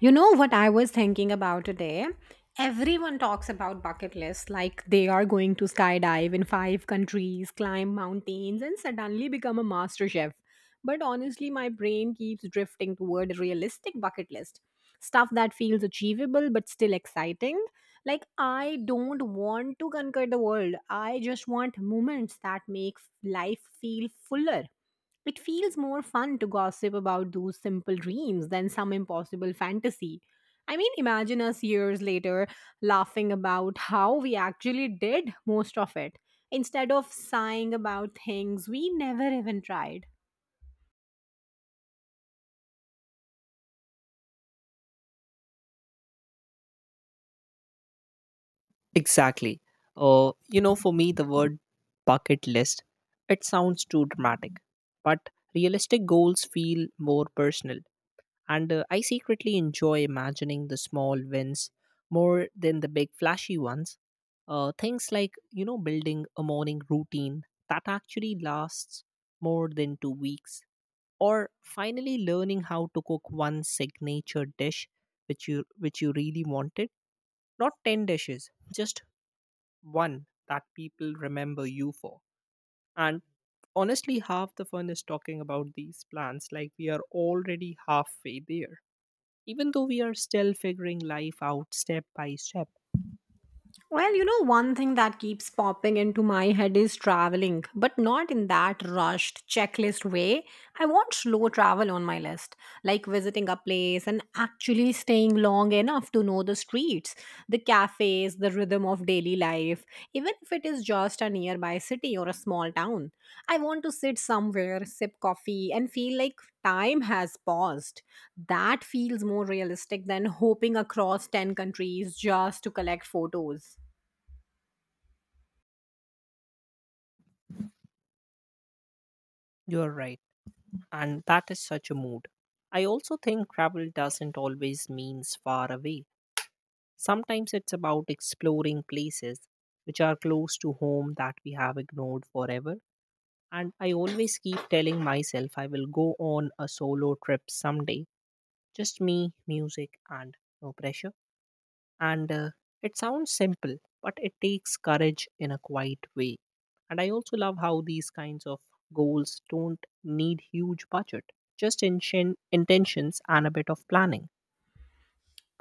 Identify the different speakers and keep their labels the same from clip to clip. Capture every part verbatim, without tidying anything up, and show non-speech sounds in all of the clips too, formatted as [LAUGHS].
Speaker 1: You know what I was thinking about today? Everyone talks about bucket lists like they are going to skydive in five countries, climb mountains, and suddenly become a master chef. But honestly, my brain keeps drifting toward a realistic bucket list stuff that feels achievable but still exciting. Like, I don't want to conquer the world, I just want moments that make life feel fuller. It feels more fun to gossip about those simple dreams than some impossible fantasy. I mean, imagine us years later laughing about how we actually did most of it instead of sighing about things we never even tried.
Speaker 2: Exactly. Uh, you know, for me, the word bucket list, it sounds too dramatic, but realistic goals feel more personal. And uh, I secretly enjoy imagining the small wins more than the big flashy ones. Uh, things like, you know, building a morning routine that actually lasts more than two weeks, or finally learning how to cook one signature dish which you which you really wanted, not ten dishes, just one that people remember you for. And honestly, half the fun is talking about these plans like we are already halfway there, even though we are still figuring life out step by step.
Speaker 1: Well, you know, one thing that keeps popping into my head is traveling, but not in that rushed checklist way. I want slow travel on my list, like visiting a place and actually staying long enough to know the streets, the cafes, the rhythm of daily life, even if it is just a nearby city or a small town. I want to sit somewhere, sip coffee, and feel like time has paused. That feels more realistic than hoping across ten countries just to collect photos.
Speaker 2: You're right. And that is such a mood. I also think travel doesn't always means far away. Sometimes it's about exploring places which are close to home that we have ignored forever. And I always keep telling myself I will go on a solo trip someday, just me, music, and no pressure. And uh, It sounds simple, but it takes courage in a quiet way. And I also love how these kinds of goals don't need huge budget, just inchen- intentions and a bit of planning.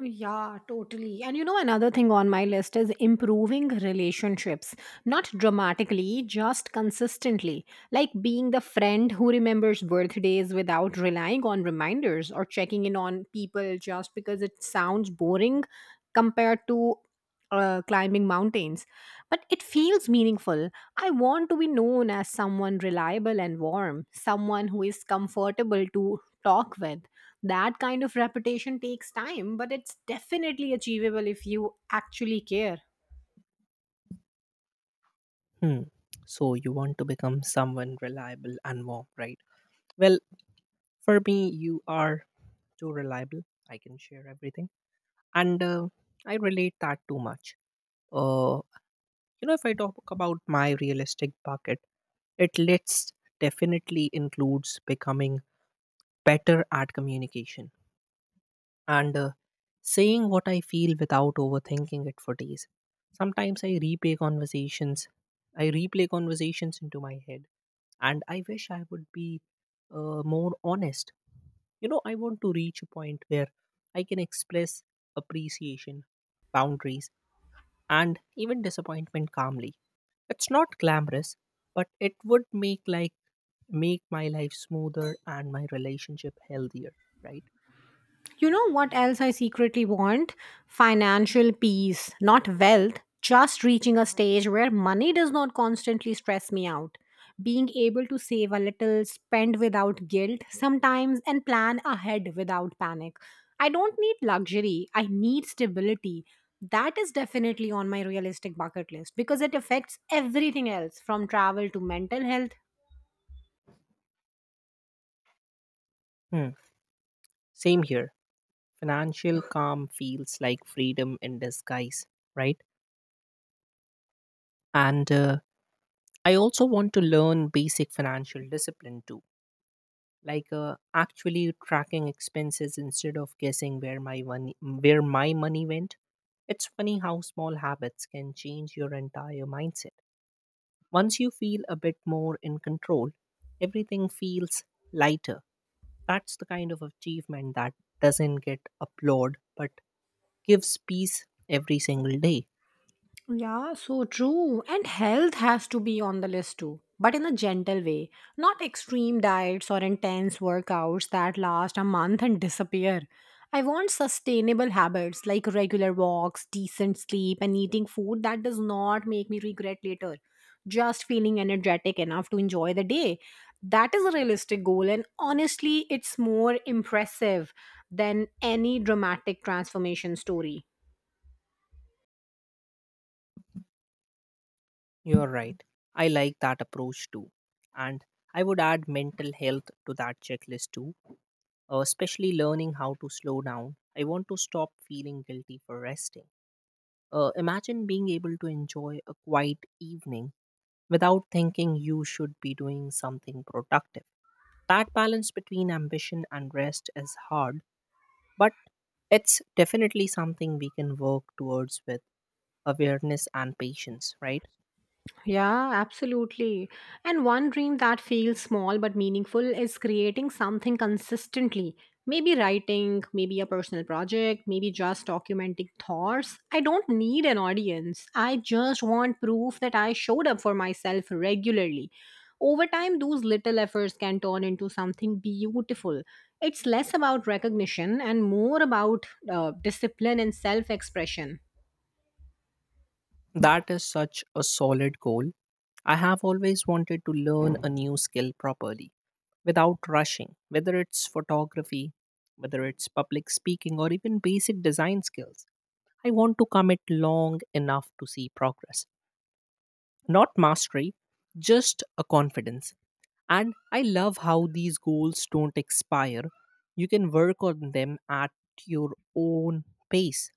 Speaker 1: Yeah, totally. And you know, another thing on my list is improving relationships. Not dramatically, just consistently. Like being the friend who remembers birthdays without relying on reminders or checking in on people just because it sounds boring compared to uh, climbing mountains. But it feels meaningful. I want to be known as someone reliable and warm, someone who is comfortable to talk with. That kind of reputation takes time, but it's definitely achievable if you actually care.
Speaker 2: Hmm. So you want to become someone reliable and warm, right? Well, for me, you are too reliable. I can share everything. and uh, I relate that too much. uh, you know if I talk about my realistic bucket it lists definitely includes becoming better at communication, and uh, saying what I feel without overthinking it for days. Sometimes i replay conversations I replay conversations into my head, and I wish I would be uh, more honest. You know, I want to reach a point where I can express appreciation, boundaries, and even disappointment calmly. It's not glamorous, but it would make like make my life smoother and my relationship healthier, right?
Speaker 1: You know what else I secretly want? Financial peace, not wealth, just reaching a stage where money does not constantly stress me out. Being able to save a little, spend without guilt sometimes, and plan ahead without panic. I don't need luxury, I need stability. That is definitely on my realistic bucket list because it affects everything else from travel to mental health.
Speaker 2: Hmm. Same here. Financial calm feels like freedom in disguise, right? And uh, I also want to learn basic financial discipline too, like, uh, actually tracking expenses instead of guessing where my money where my money went. It's funny how small habits can change your entire mindset. Once you feel a bit more in control, everything feels lighter. That's the kind of achievement that doesn't get applauded but gives peace every single day.
Speaker 1: Yeah, so true. And health has to be on the list too, but in a gentle way, not extreme diets or intense workouts that last a month and disappear. I want sustainable habits like regular walks, decent sleep, and eating food that does not make me regret later. Just feeling energetic enough to enjoy the day. That is a realistic goal, and honestly, it's more impressive than any dramatic transformation story.
Speaker 2: You're right. I like that approach too. And I would add mental health to that checklist too, uh, especially learning how to slow down. I want to stop feeling guilty for resting. Uh, imagine being able to enjoy a quiet evening without thinking you should be doing something productive. That balance between ambition and rest is hard, but it's definitely something we can work towards with awareness and patience, right?
Speaker 1: Yeah, absolutely. And one dream that feels small but meaningful is creating something consistently. Maybe writing, maybe a personal project, maybe just documenting thoughts. I don't need an audience. I just want proof that I showed up for myself regularly. Over time, those little efforts can turn into something beautiful. It's less about recognition and more about uh, discipline and self expression.
Speaker 2: That is such a solid goal. I have always wanted to learn a new skill properly without rushing, whether it's photography, whether it's public speaking, or even basic design skills. I want to commit long enough to see progress, not mastery, just a confidence. And I love how these goals don't expire. You can work on them at your own pace.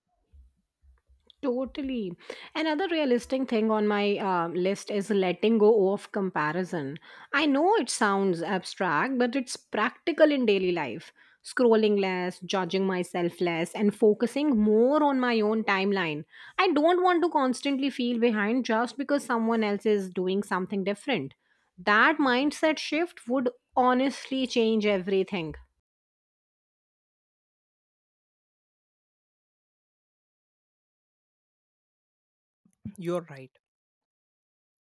Speaker 1: Totally. Another realistic thing on my uh, list is letting go of comparison. I know it sounds abstract, but it's practical in daily life. Scrolling less, judging myself less, and focusing more on my own timeline. I don't want to constantly feel behind just because someone else is doing something different. That mindset shift would honestly change everything.
Speaker 2: You're right.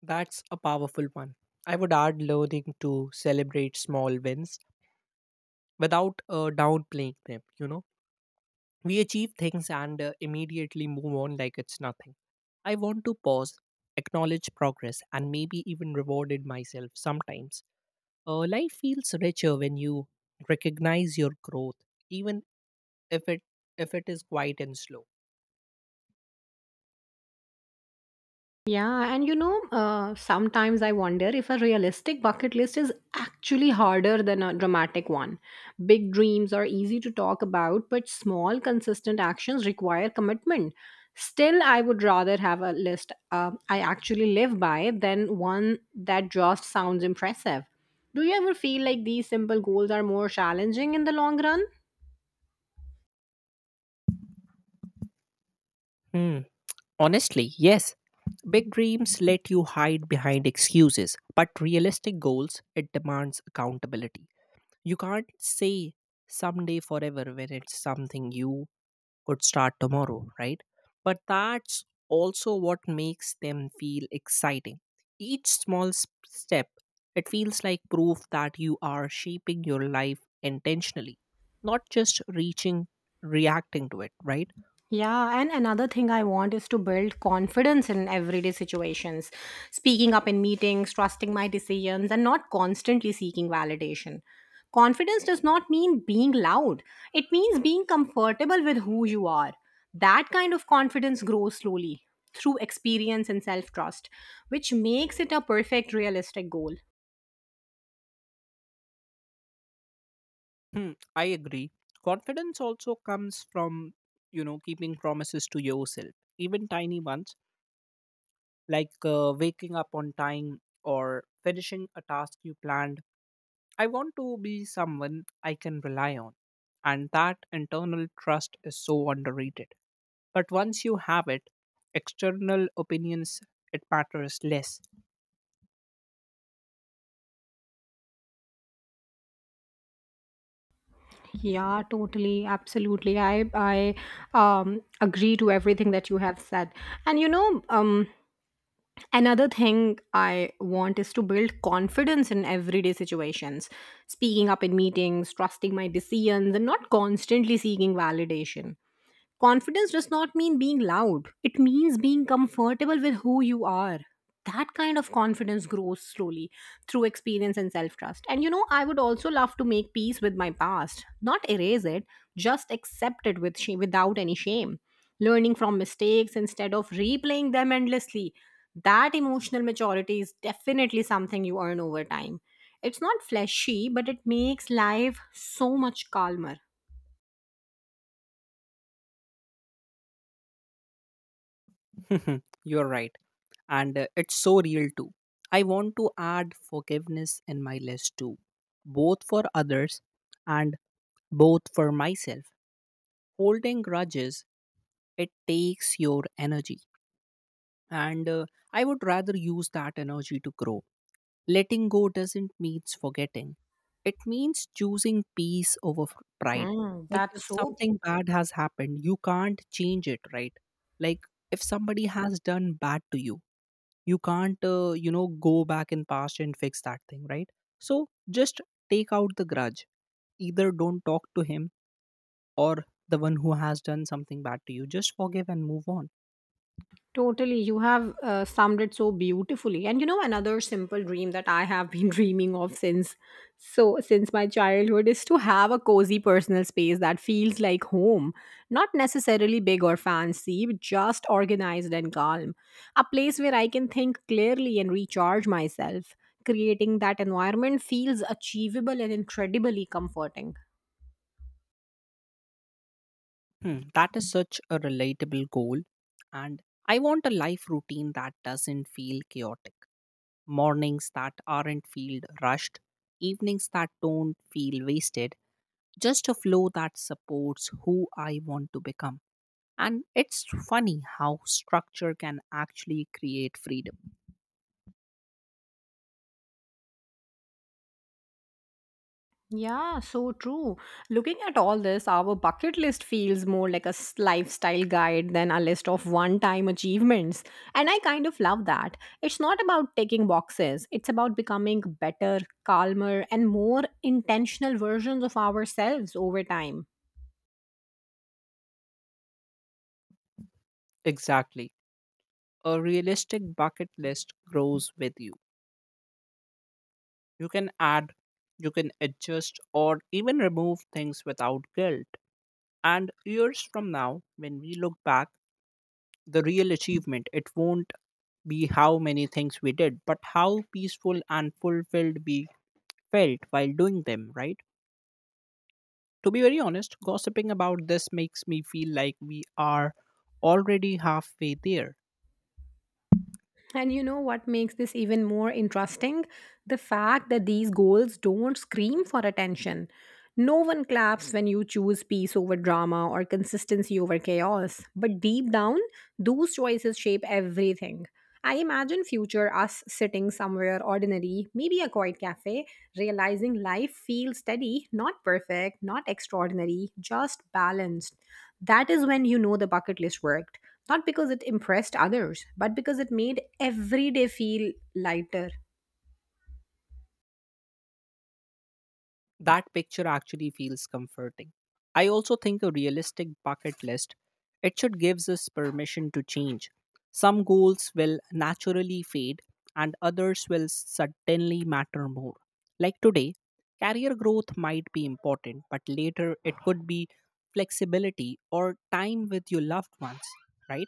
Speaker 2: That's a powerful one. I would add learning to celebrate small wins without uh, downplaying them, you know. We achieve things and uh, immediately move on like it's nothing. I want to pause, acknowledge progress, and maybe even rewarded myself sometimes. Uh, life feels richer when you recognize your growth, even if it if it is quiet and slow.
Speaker 1: Yeah, and you know, uh, sometimes I wonder if a realistic bucket list is actually harder than a dramatic one. Big dreams are easy to talk about, but small, consistent actions require commitment. Still, I would rather have a list uh, I actually live by than one that just sounds impressive. Do you ever feel like these simple goals are more challenging in the long run?
Speaker 2: Hmm. Honestly, yes. Big dreams let you hide behind excuses, but realistic goals it demands accountability. You can't say someday forever when it's something you could start tomorrow, right? But that's also what makes them feel exciting. Each small s- step, it feels like proof that you are shaping your life intentionally, not just reaching, reacting to it, right?
Speaker 1: Yeah, and another thing I want is to build confidence in everyday situations, speaking up in meetings, trusting my decisions, and not constantly seeking validation. Confidence does not mean being loud, it means being comfortable with who you are. That kind of confidence grows slowly through experience and self trust, which makes it a perfect realistic goal.
Speaker 2: Hmm, I agree. Confidence also comes from, you know, keeping promises to yourself, even tiny ones, like, uh, waking up on time or finishing a task you planned. I want to be someone I can rely on. And that internal trust is so underrated. But once you have it, external opinions, it matters less.
Speaker 1: Yeah, totally, absolutely. I I um agree to everything that you have said. And you know, um another thing I want is to build confidence in everyday situations, speaking up in meetings, trusting my decisions, and not constantly seeking validation. Confidence does not mean being loud, it means being comfortable with who you are. That kind of confidence grows slowly through experience and self trust. And you know, I would also love to make peace with my past, not erase it, just accept it with shame, without any shame. Learning from mistakes instead of replaying them endlessly. That emotional maturity is definitely something you earn over time. It's not fleshy, but it makes life so much calmer.
Speaker 2: [LAUGHS] You're right. and uh, it's so real too. I want to add forgiveness in my list too, both for others and both for myself. Holding grudges, it takes your energy, and uh, I would rather use that energy to grow. Letting go doesn't means forgetting. It means choosing peace over f- pride.
Speaker 1: Mm,
Speaker 2: Like,
Speaker 1: that's
Speaker 2: if
Speaker 1: so.
Speaker 2: something bad has happened, you can't change it, right? Like, if somebody has done bad to you, you can't, uh, you know go back in past and fix that thing, right? So just take out the grudge. Either don't talk to him, or the one who has done something bad to you, just forgive and move on.
Speaker 1: Totally, you have uh, summed it so beautifully. And you know, another simple dream that I have been [LAUGHS] dreaming of since so since my childhood is to have a cozy personal space that feels like home, not necessarily big or fancy, but just organized and calm. A place where I can think clearly and recharge myself. Creating that environment feels achievable and incredibly comforting.
Speaker 2: Hmm, that is such a relatable goal. And I want a life routine that doesn't feel chaotic. Mornings that aren't feel rushed. Evenings that don't feel wasted. Just a flow that supports who I want to become. And it's funny how structure can actually create freedom.
Speaker 1: Yeah, so true. Looking at all this, our bucket list feels more like a s- lifestyle guide than a list of one time achievements. And I kind of love that. It's not about ticking boxes, it's about becoming better, calmer, and more intentional versions of ourselves over time.
Speaker 2: Exactly. A realistic bucket list grows with you. You can add, you can adjust, or even remove things without guilt. And years from now, when we look back, the real achievement, it won't be how many things we did, but how peaceful and fulfilled we felt while doing them, right? To be very honest, gossiping about this makes me feel like we are already halfway there.
Speaker 1: And you know what makes this even more interesting? The fact that these goals don't scream for attention. No one claps when you choose peace over drama or consistency over chaos. But deep down, those choices shape everything. I imagine future us sitting somewhere ordinary, maybe a quiet cafe, realizing life feels steady, not perfect, not extraordinary, just balanced. That is when you know the bucket list worked not because it impressed others, but because it made every day feel lighter.
Speaker 2: That picture actually feels comforting. I also think a realistic bucket list it should gives us permission to change. Some goals will naturally fade and others will suddenly matter more. Like today, career growth might be important, but later it could be flexibility or time with your loved ones, right?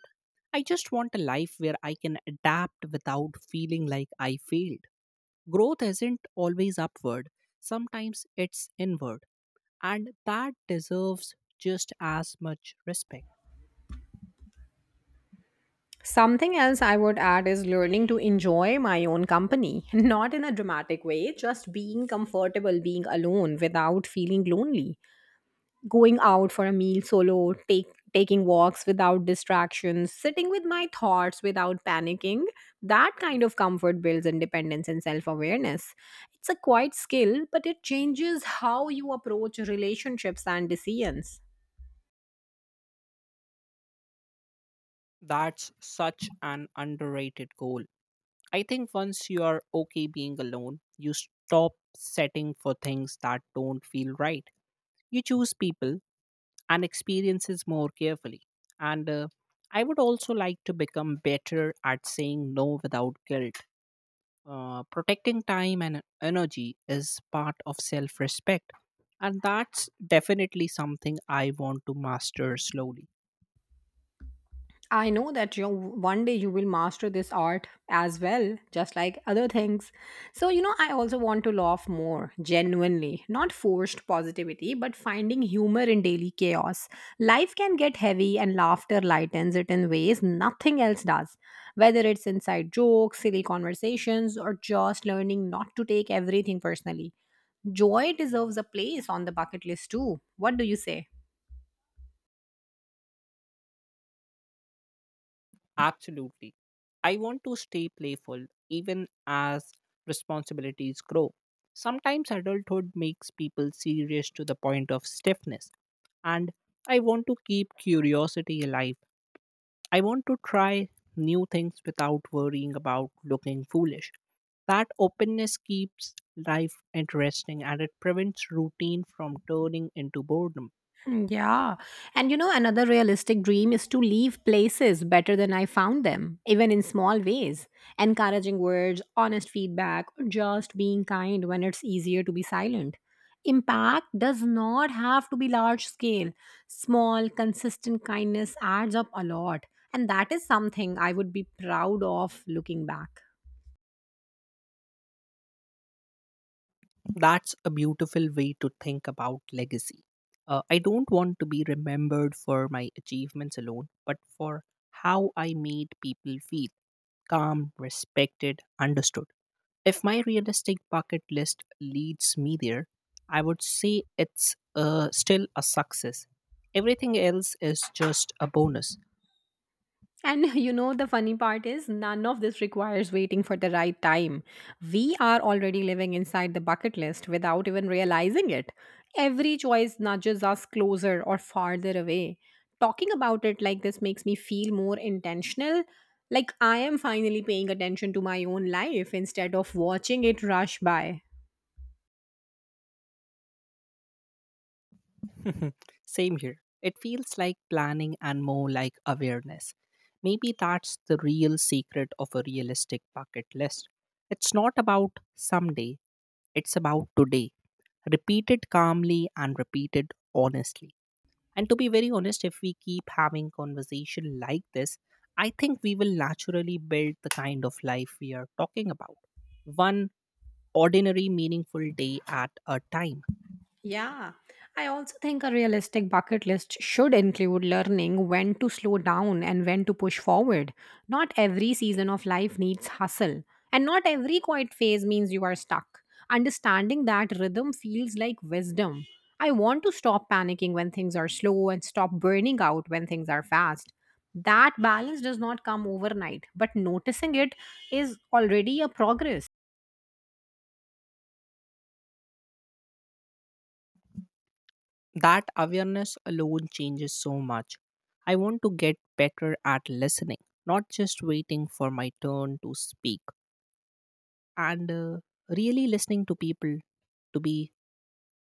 Speaker 2: I just want a life where I can adapt without feeling like I failed. Growth isn't always upward, sometimes it's inward, and that deserves just as much respect.
Speaker 1: Something else I would add is learning to enjoy my own company, [LAUGHS] not in a dramatic way, just being comfortable being alone without feeling lonely. Going out for a meal solo, take, taking walks without distractions, sitting with my thoughts without panicking. That kind of comfort builds independence and self awareness. It's a quiet skill, but it changes how you approach relationships and decisions.
Speaker 2: That's such an underrated goal. I think once you are okay being alone, you stop setting for things that don't feel right. You choose people and experiences more carefully. And uh, I would also like to become better at saying no without guilt. Uh, protecting time and energy is part of self respect. And that's definitely something I want to master slowly.
Speaker 1: I know that you one day you will master this art as well, just like other things. So, you know, I also want to laugh more genuinely, not forced positivity, but finding humor in daily chaos. Life can get heavy, and laughter lightens it in ways nothing else does. Whether it's inside jokes, silly conversations, or just learning not to take everything personally, joy deserves a place on the bucket list too. What do you say?
Speaker 2: Absolutely. I want to stay playful even as responsibilities grow. Sometimes adulthood makes people serious to the point of stiffness. And I want to keep curiosity alive. I want to try new things without worrying about looking foolish. That openness keeps life interesting and it prevents routine from turning into boredom.
Speaker 1: [LAUGHS] Hmm, yeah. And you know, another realistic dream is to leave places better than I found them, even in small ways. Encouraging words, honest feedback, or just being kind when it's easier to be silent. Impact does not have to be large scale. Small, consistent kindness adds up a lot. And that is something I would be proud of looking back.
Speaker 2: That's a beautiful way to think about legacy. Uh, I don't want to be remembered for my achievements alone, but for how I made people feel calm, respected, understood. If my realistic bucket list leads me there, I would say it's uh, still a success. Everything else is just a bonus.
Speaker 1: And [LAUGHS] you know, the funny part is, none of this requires waiting for the right time. We are already living inside the bucket list without even realizing it. Every choice nudges us closer or farther away. Talking about it like this makes me feel more intentional. Like I am finally paying attention to my own life instead of watching it rush by.
Speaker 2: [LAUGHS] Same here. It feels like planning and more like awareness. Maybe that's the real secret of a realistic bucket list. It's not about someday, it's about today. Repeat it calmly and repeat it honestly. And to be very honest, if we keep having conversation like this, I think we will naturally build the kind of life we are talking about. One ordinary meaningful day at a time.
Speaker 1: Yeah, I also think a realistic bucket list should include learning when to slow down and when to push forward. Not every season of life needs hustle, and not every quiet phase means you are stuck. Understanding that rhythm feels like wisdom. I want to stop panicking when things are slow and stop burning out when things are fast. That balance does not come overnight, but noticing it is already a progress.
Speaker 2: That awareness alone changes so much. I want to get better at listening, not just waiting for my turn to speak, and uh, really listening to people, to be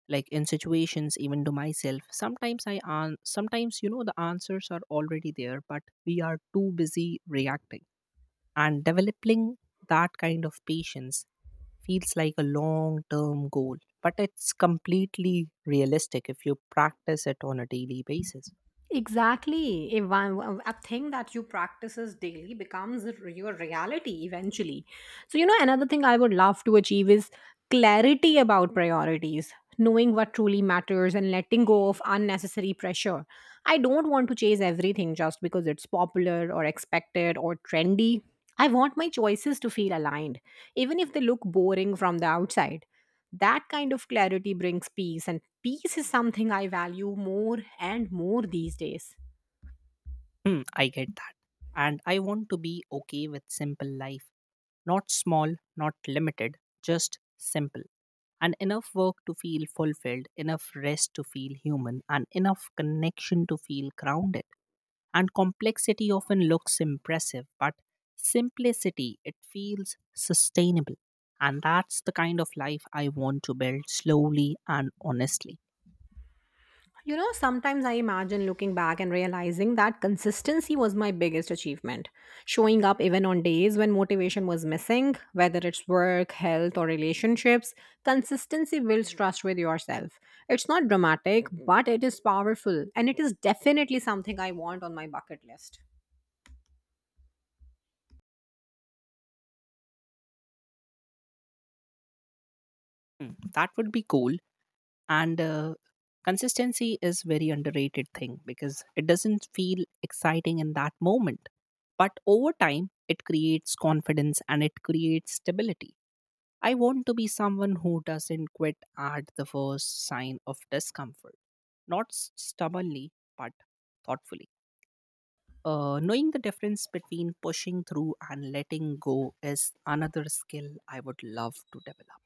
Speaker 2: like in situations, even to myself sometimes. I an- sometimes, you know, the answers are already there but we are too busy reacting, and developing that kind of patience feels like a long term goal, but it's completely realistic if you practice it on a daily basis.
Speaker 1: Exactly. A, one- a thing that you practices daily becomes r- your reality eventually. So, you know, another thing I would love to achieve is clarity about priorities, knowing what truly matters and letting go of unnecessary pressure. I don't want to chase everything just because it's popular or expected or trendy. I want my choices to feel aligned, even if they look boring from the outside. That kind of clarity brings peace, and peace is something I value more and more these days.
Speaker 2: Hmm, I get that. And I want to be okay with simple life. Not small, not limited, just simple. And enough work to feel fulfilled, enough rest to feel human, and enough connection to feel grounded. And complexity often looks impressive, but simplicity, it feels sustainable. And that's the kind of life I want to build slowly and honestly.
Speaker 1: You know, sometimes I imagine looking back and realizing that consistency was my biggest achievement. Showing up even on days when motivation was missing, whether it's work, health, or relationships, consistency builds trust with yourself. It's not dramatic, but it is powerful, and it is definitely something I want on my bucket list.
Speaker 2: Hmm, that would be cool. and uh, Consistency is very underrated thing, because it doesn't feel exciting in that moment, but over time it creates confidence and it creates stability. I want to be someone who doesn't quit at the first sign of discomfort, not s- stubbornly, but thoughtfully. Uh, knowing the difference between pushing through and letting go is another skill I would love to develop.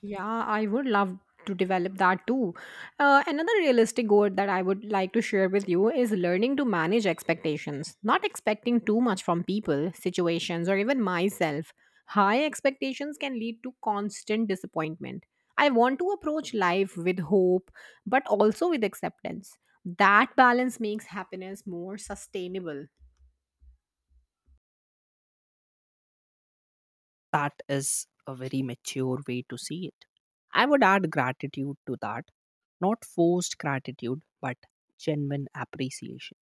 Speaker 1: Yeah, I would love to develop that too. Uh, another realistic goal that I would like to share with you is learning to manage expectations, not expecting too much from people, situations, or even myself. High expectations can lead to constant disappointment. I want to approach life with hope, but also with acceptance. That balance makes happiness more sustainable.
Speaker 2: That is a very mature way to see it. I would add gratitude to that, not forced gratitude, but genuine appreciation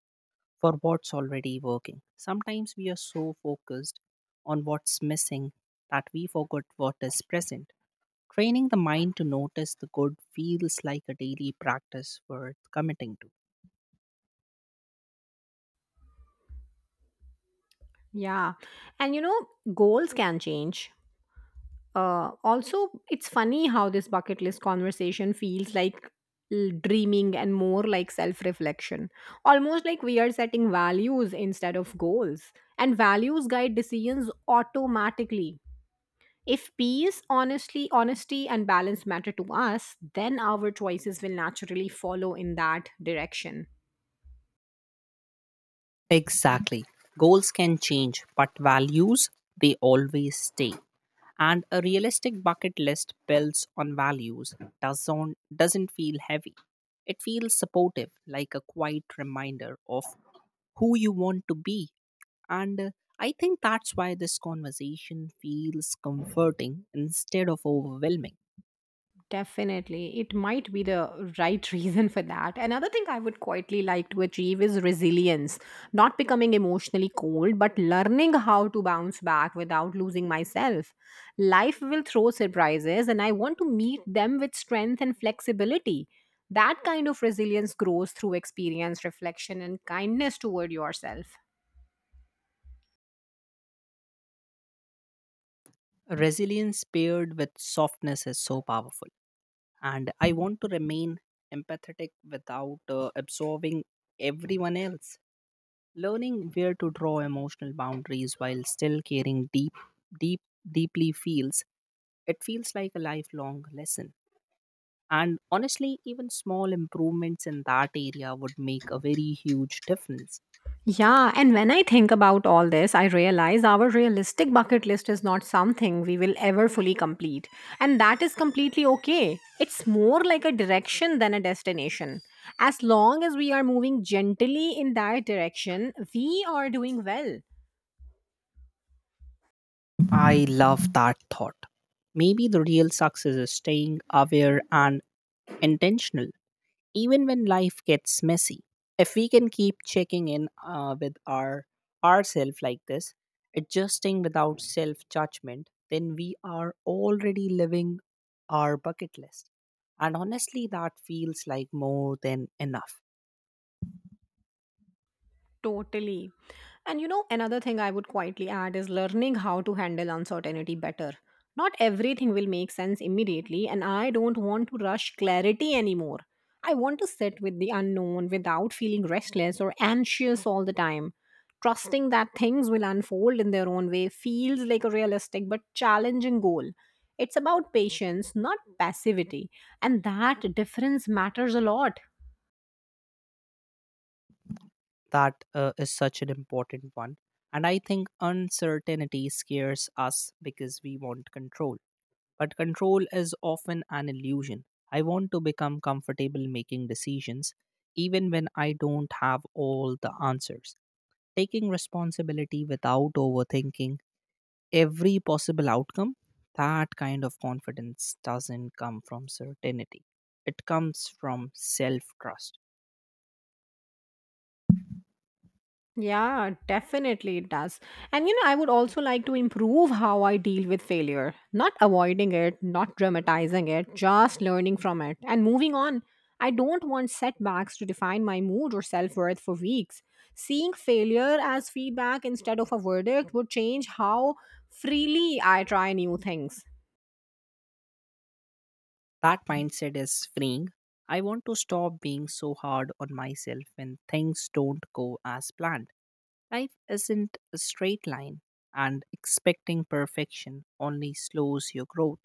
Speaker 2: for what's already working. Sometimes we are so focused on what's missing that we forget what is present. Training the mind to notice the good feels like a daily practice worth committing to.
Speaker 1: Yeah. And you know, goals can change. Uh, also, it's funny how this bucket list conversation feels like l- dreaming and more like self reflection. Almost like we are setting values instead of goals. And values guide decisions automatically. If peace, honestly, honesty, and balance matter to us, then our choices will naturally follow in that direction.
Speaker 2: Exactly. Goals can change, but values, they always stay. And a realistic bucket list built on values doesn't, doesn't feel heavy. It feels supportive, like a quiet reminder of who you want to be. And uh, I think that's why this conversation feels comforting instead of overwhelming.
Speaker 1: Definitely. It might be the right [LAUGHS] reason for that. Another thing I would quietly like to achieve is resilience, not becoming emotionally cold, but learning how to bounce back without losing myself. Life will throw surprises, and I want to meet them with strength and flexibility. That kind of resilience grows through experience, reflection, and kindness toward yourself.
Speaker 2: Resilience paired with softness is so powerful. And I want to remain empathetic without uh, absorbing everyone else. Learning where to draw emotional boundaries while still caring deep, deep, deeply feels it feels like a lifelong lesson. And honestly, even small improvements in that area would make a very huge difference.
Speaker 1: Yeah, and when I think about all this, I realize our realistic bucket list is not something we will ever fully complete. And that is completely okay. It's more like a direction than a destination. As long as we are moving gently in that direction, we are doing well.
Speaker 2: I love that thought. Maybe the real success is staying aware and intentional, even when life gets messy. If we can keep checking in uh, with our ourself like this, adjusting without self judgment, then we are already living our bucket list, and honestly that feels like more than enough.
Speaker 1: Totally. And you know, another thing I would quietly add is learning how to handle uncertainty better. Not everything will make sense immediately, and I don't want to rush clarity anymore. I want to sit with the unknown without feeling restless or anxious all the time. Trusting that things will unfold in their own way feels like a realistic but challenging goal. It's about patience, not passivity, and that difference matters a lot.
Speaker 2: That uh, is such an important one, and I think uncertainty scares us because we want control. But control is often an illusion. I want to become comfortable making decisions even when I don't have all the answers. Taking responsibility without overthinking every possible outcome, that kind of confidence doesn't come from certainty. It comes from self trust.
Speaker 1: Yeah, definitely it does. And you know, I would also like to improve how I deal with failure, not avoiding it, not dramatizing it, just learning from it and moving on. I don't want setbacks to define my mood or self worth for weeks. Seeing failure as feedback instead of a verdict would change how freely I try new things.
Speaker 2: That mindset is freeing. I want to stop being so hard on myself when things don't go as planned. Life isn't a straight line, and expecting perfection only slows your growth.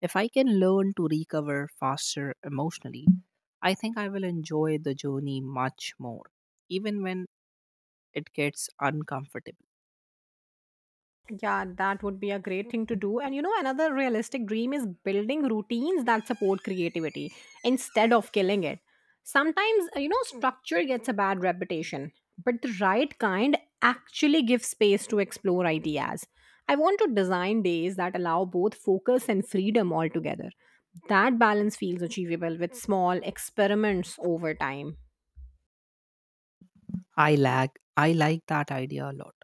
Speaker 2: If I can learn to recover faster emotionally, I think I will enjoy the journey much more, even when it gets uncomfortable.
Speaker 1: Yeah, that would be a great thing to do. And you know, another realistic dream is building routines that support creativity instead of killing it. Sometimes, uh, you know, structure gets a bad reputation, but the right kind actually gives space to explore ideas. I want to design days that allow both focus and freedom altogether. That balance feels achievable with small experiments over time.
Speaker 2: I lag. I like that idea a lot,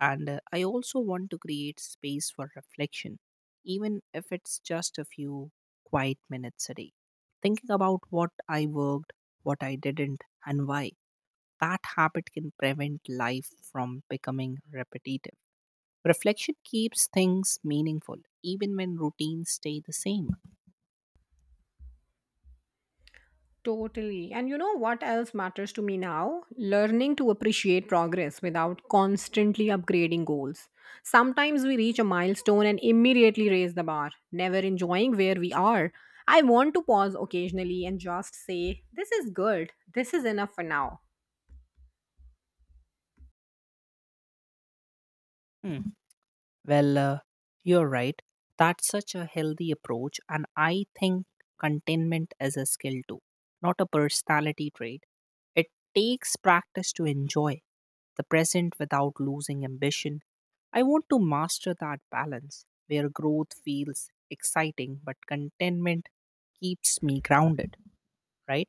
Speaker 2: and uh, I also want to create space for reflection, even if it's just a few quiet minutes a day, thinking about what I worked, what I didn't, and why. That habit can prevent life from becoming repetitive. Reflection keeps things meaningful, even when routines stay the same.
Speaker 1: Totally. And you know what else matters to me now? Learning to appreciate progress without constantly upgrading goals. Sometimes we reach a milestone and immediately raise the bar, never enjoying where we are. I want to pause occasionally and just say, this is good. This is enough for now.
Speaker 2: Hmm. Well, uh, you're right. That's such a healthy approach, and I think contentment is a skill too, not a personality trait. It takes practice to enjoy the present without losing ambition. I want to master that balance where growth feels exciting but contentment keeps me grounded, right?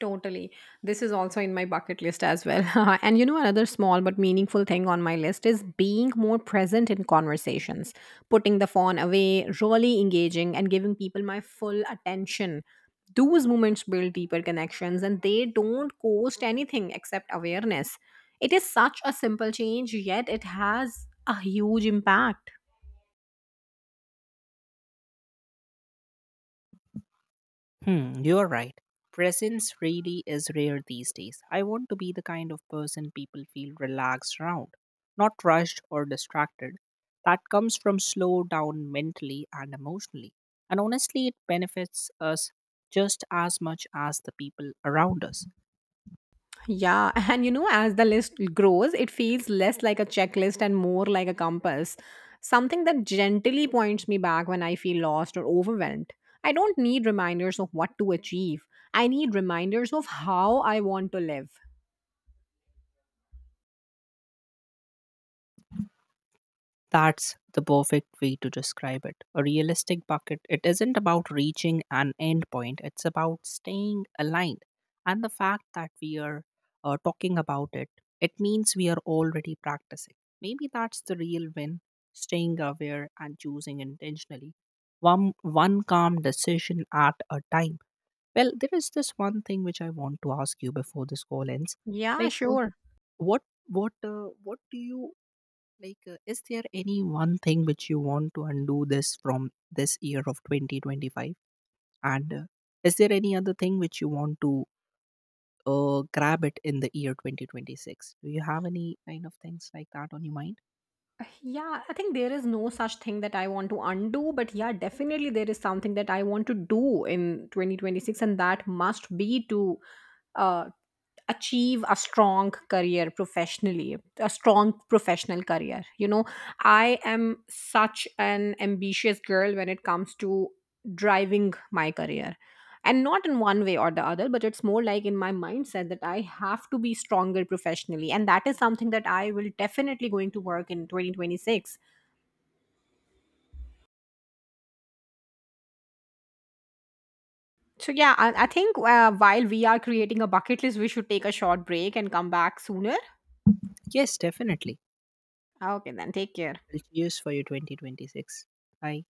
Speaker 1: Totally. This is also in my bucket list as well. [LAUGHS] And you know, another small but meaningful thing on my list is being more present in conversations, putting the phone away, really engaging, and giving people my full attention. Those moments build deeper connections, and they don't cost anything except awareness. It is such a simple change, yet it has a huge impact.
Speaker 2: Hmm, you're right. Presence really is rare these days. I want to be the kind of person people feel relaxed around, not rushed or distracted. That comes from slow down mentally and emotionally. And honestly, it benefits us just as much as the people around us.
Speaker 1: Yeah, [LAUGHS] and you know, as the list grows, it feels less like a checklist and more like a compass, something that gently points me back when I feel lost or overwhelmed. I don't need reminders of what to achieve, I need reminders of how I want to live.
Speaker 2: That's the perfect way to describe it. A realistic bucket, it isn't about reaching an end point, it's about staying aligned. And the fact that we are uh, talking about it, it means we are already practicing. Maybe that's the real win, staying aware and choosing intentionally. One, one calm decision at a time. Well, there is this one thing which I want to ask you before this call ends.
Speaker 1: Yeah,
Speaker 2: Like, uh,
Speaker 1: sure.
Speaker 2: what, what, uh, what do you like, uh, Is there any one thing which you want to undo this from this year of twenty twenty-five? And uh, Is there any other thing which you want to uh, grab it in the year twenty twenty-six? Do you have any kind of things like that on your mind?
Speaker 1: Yeah, I think there is no such thing that I want to undo, but yeah, definitely there is something that I want to do in twenty twenty-six, and that must be to uh, achieve a strong career professionally, a strong professional career. You know, I am such an ambitious girl when it comes to driving my career, and not in one way or the other, but it's more like in my mindset that I have to be stronger professionally, and that is something that I will definitely going to work in twenty twenty-six. So yeah i, I think uh, while we are creating a bucket list we should take a short break and come back sooner.
Speaker 2: Yes, definitely.
Speaker 1: Okay, then take care.
Speaker 2: Well, Cheers for your twenty twenty-six. Bye.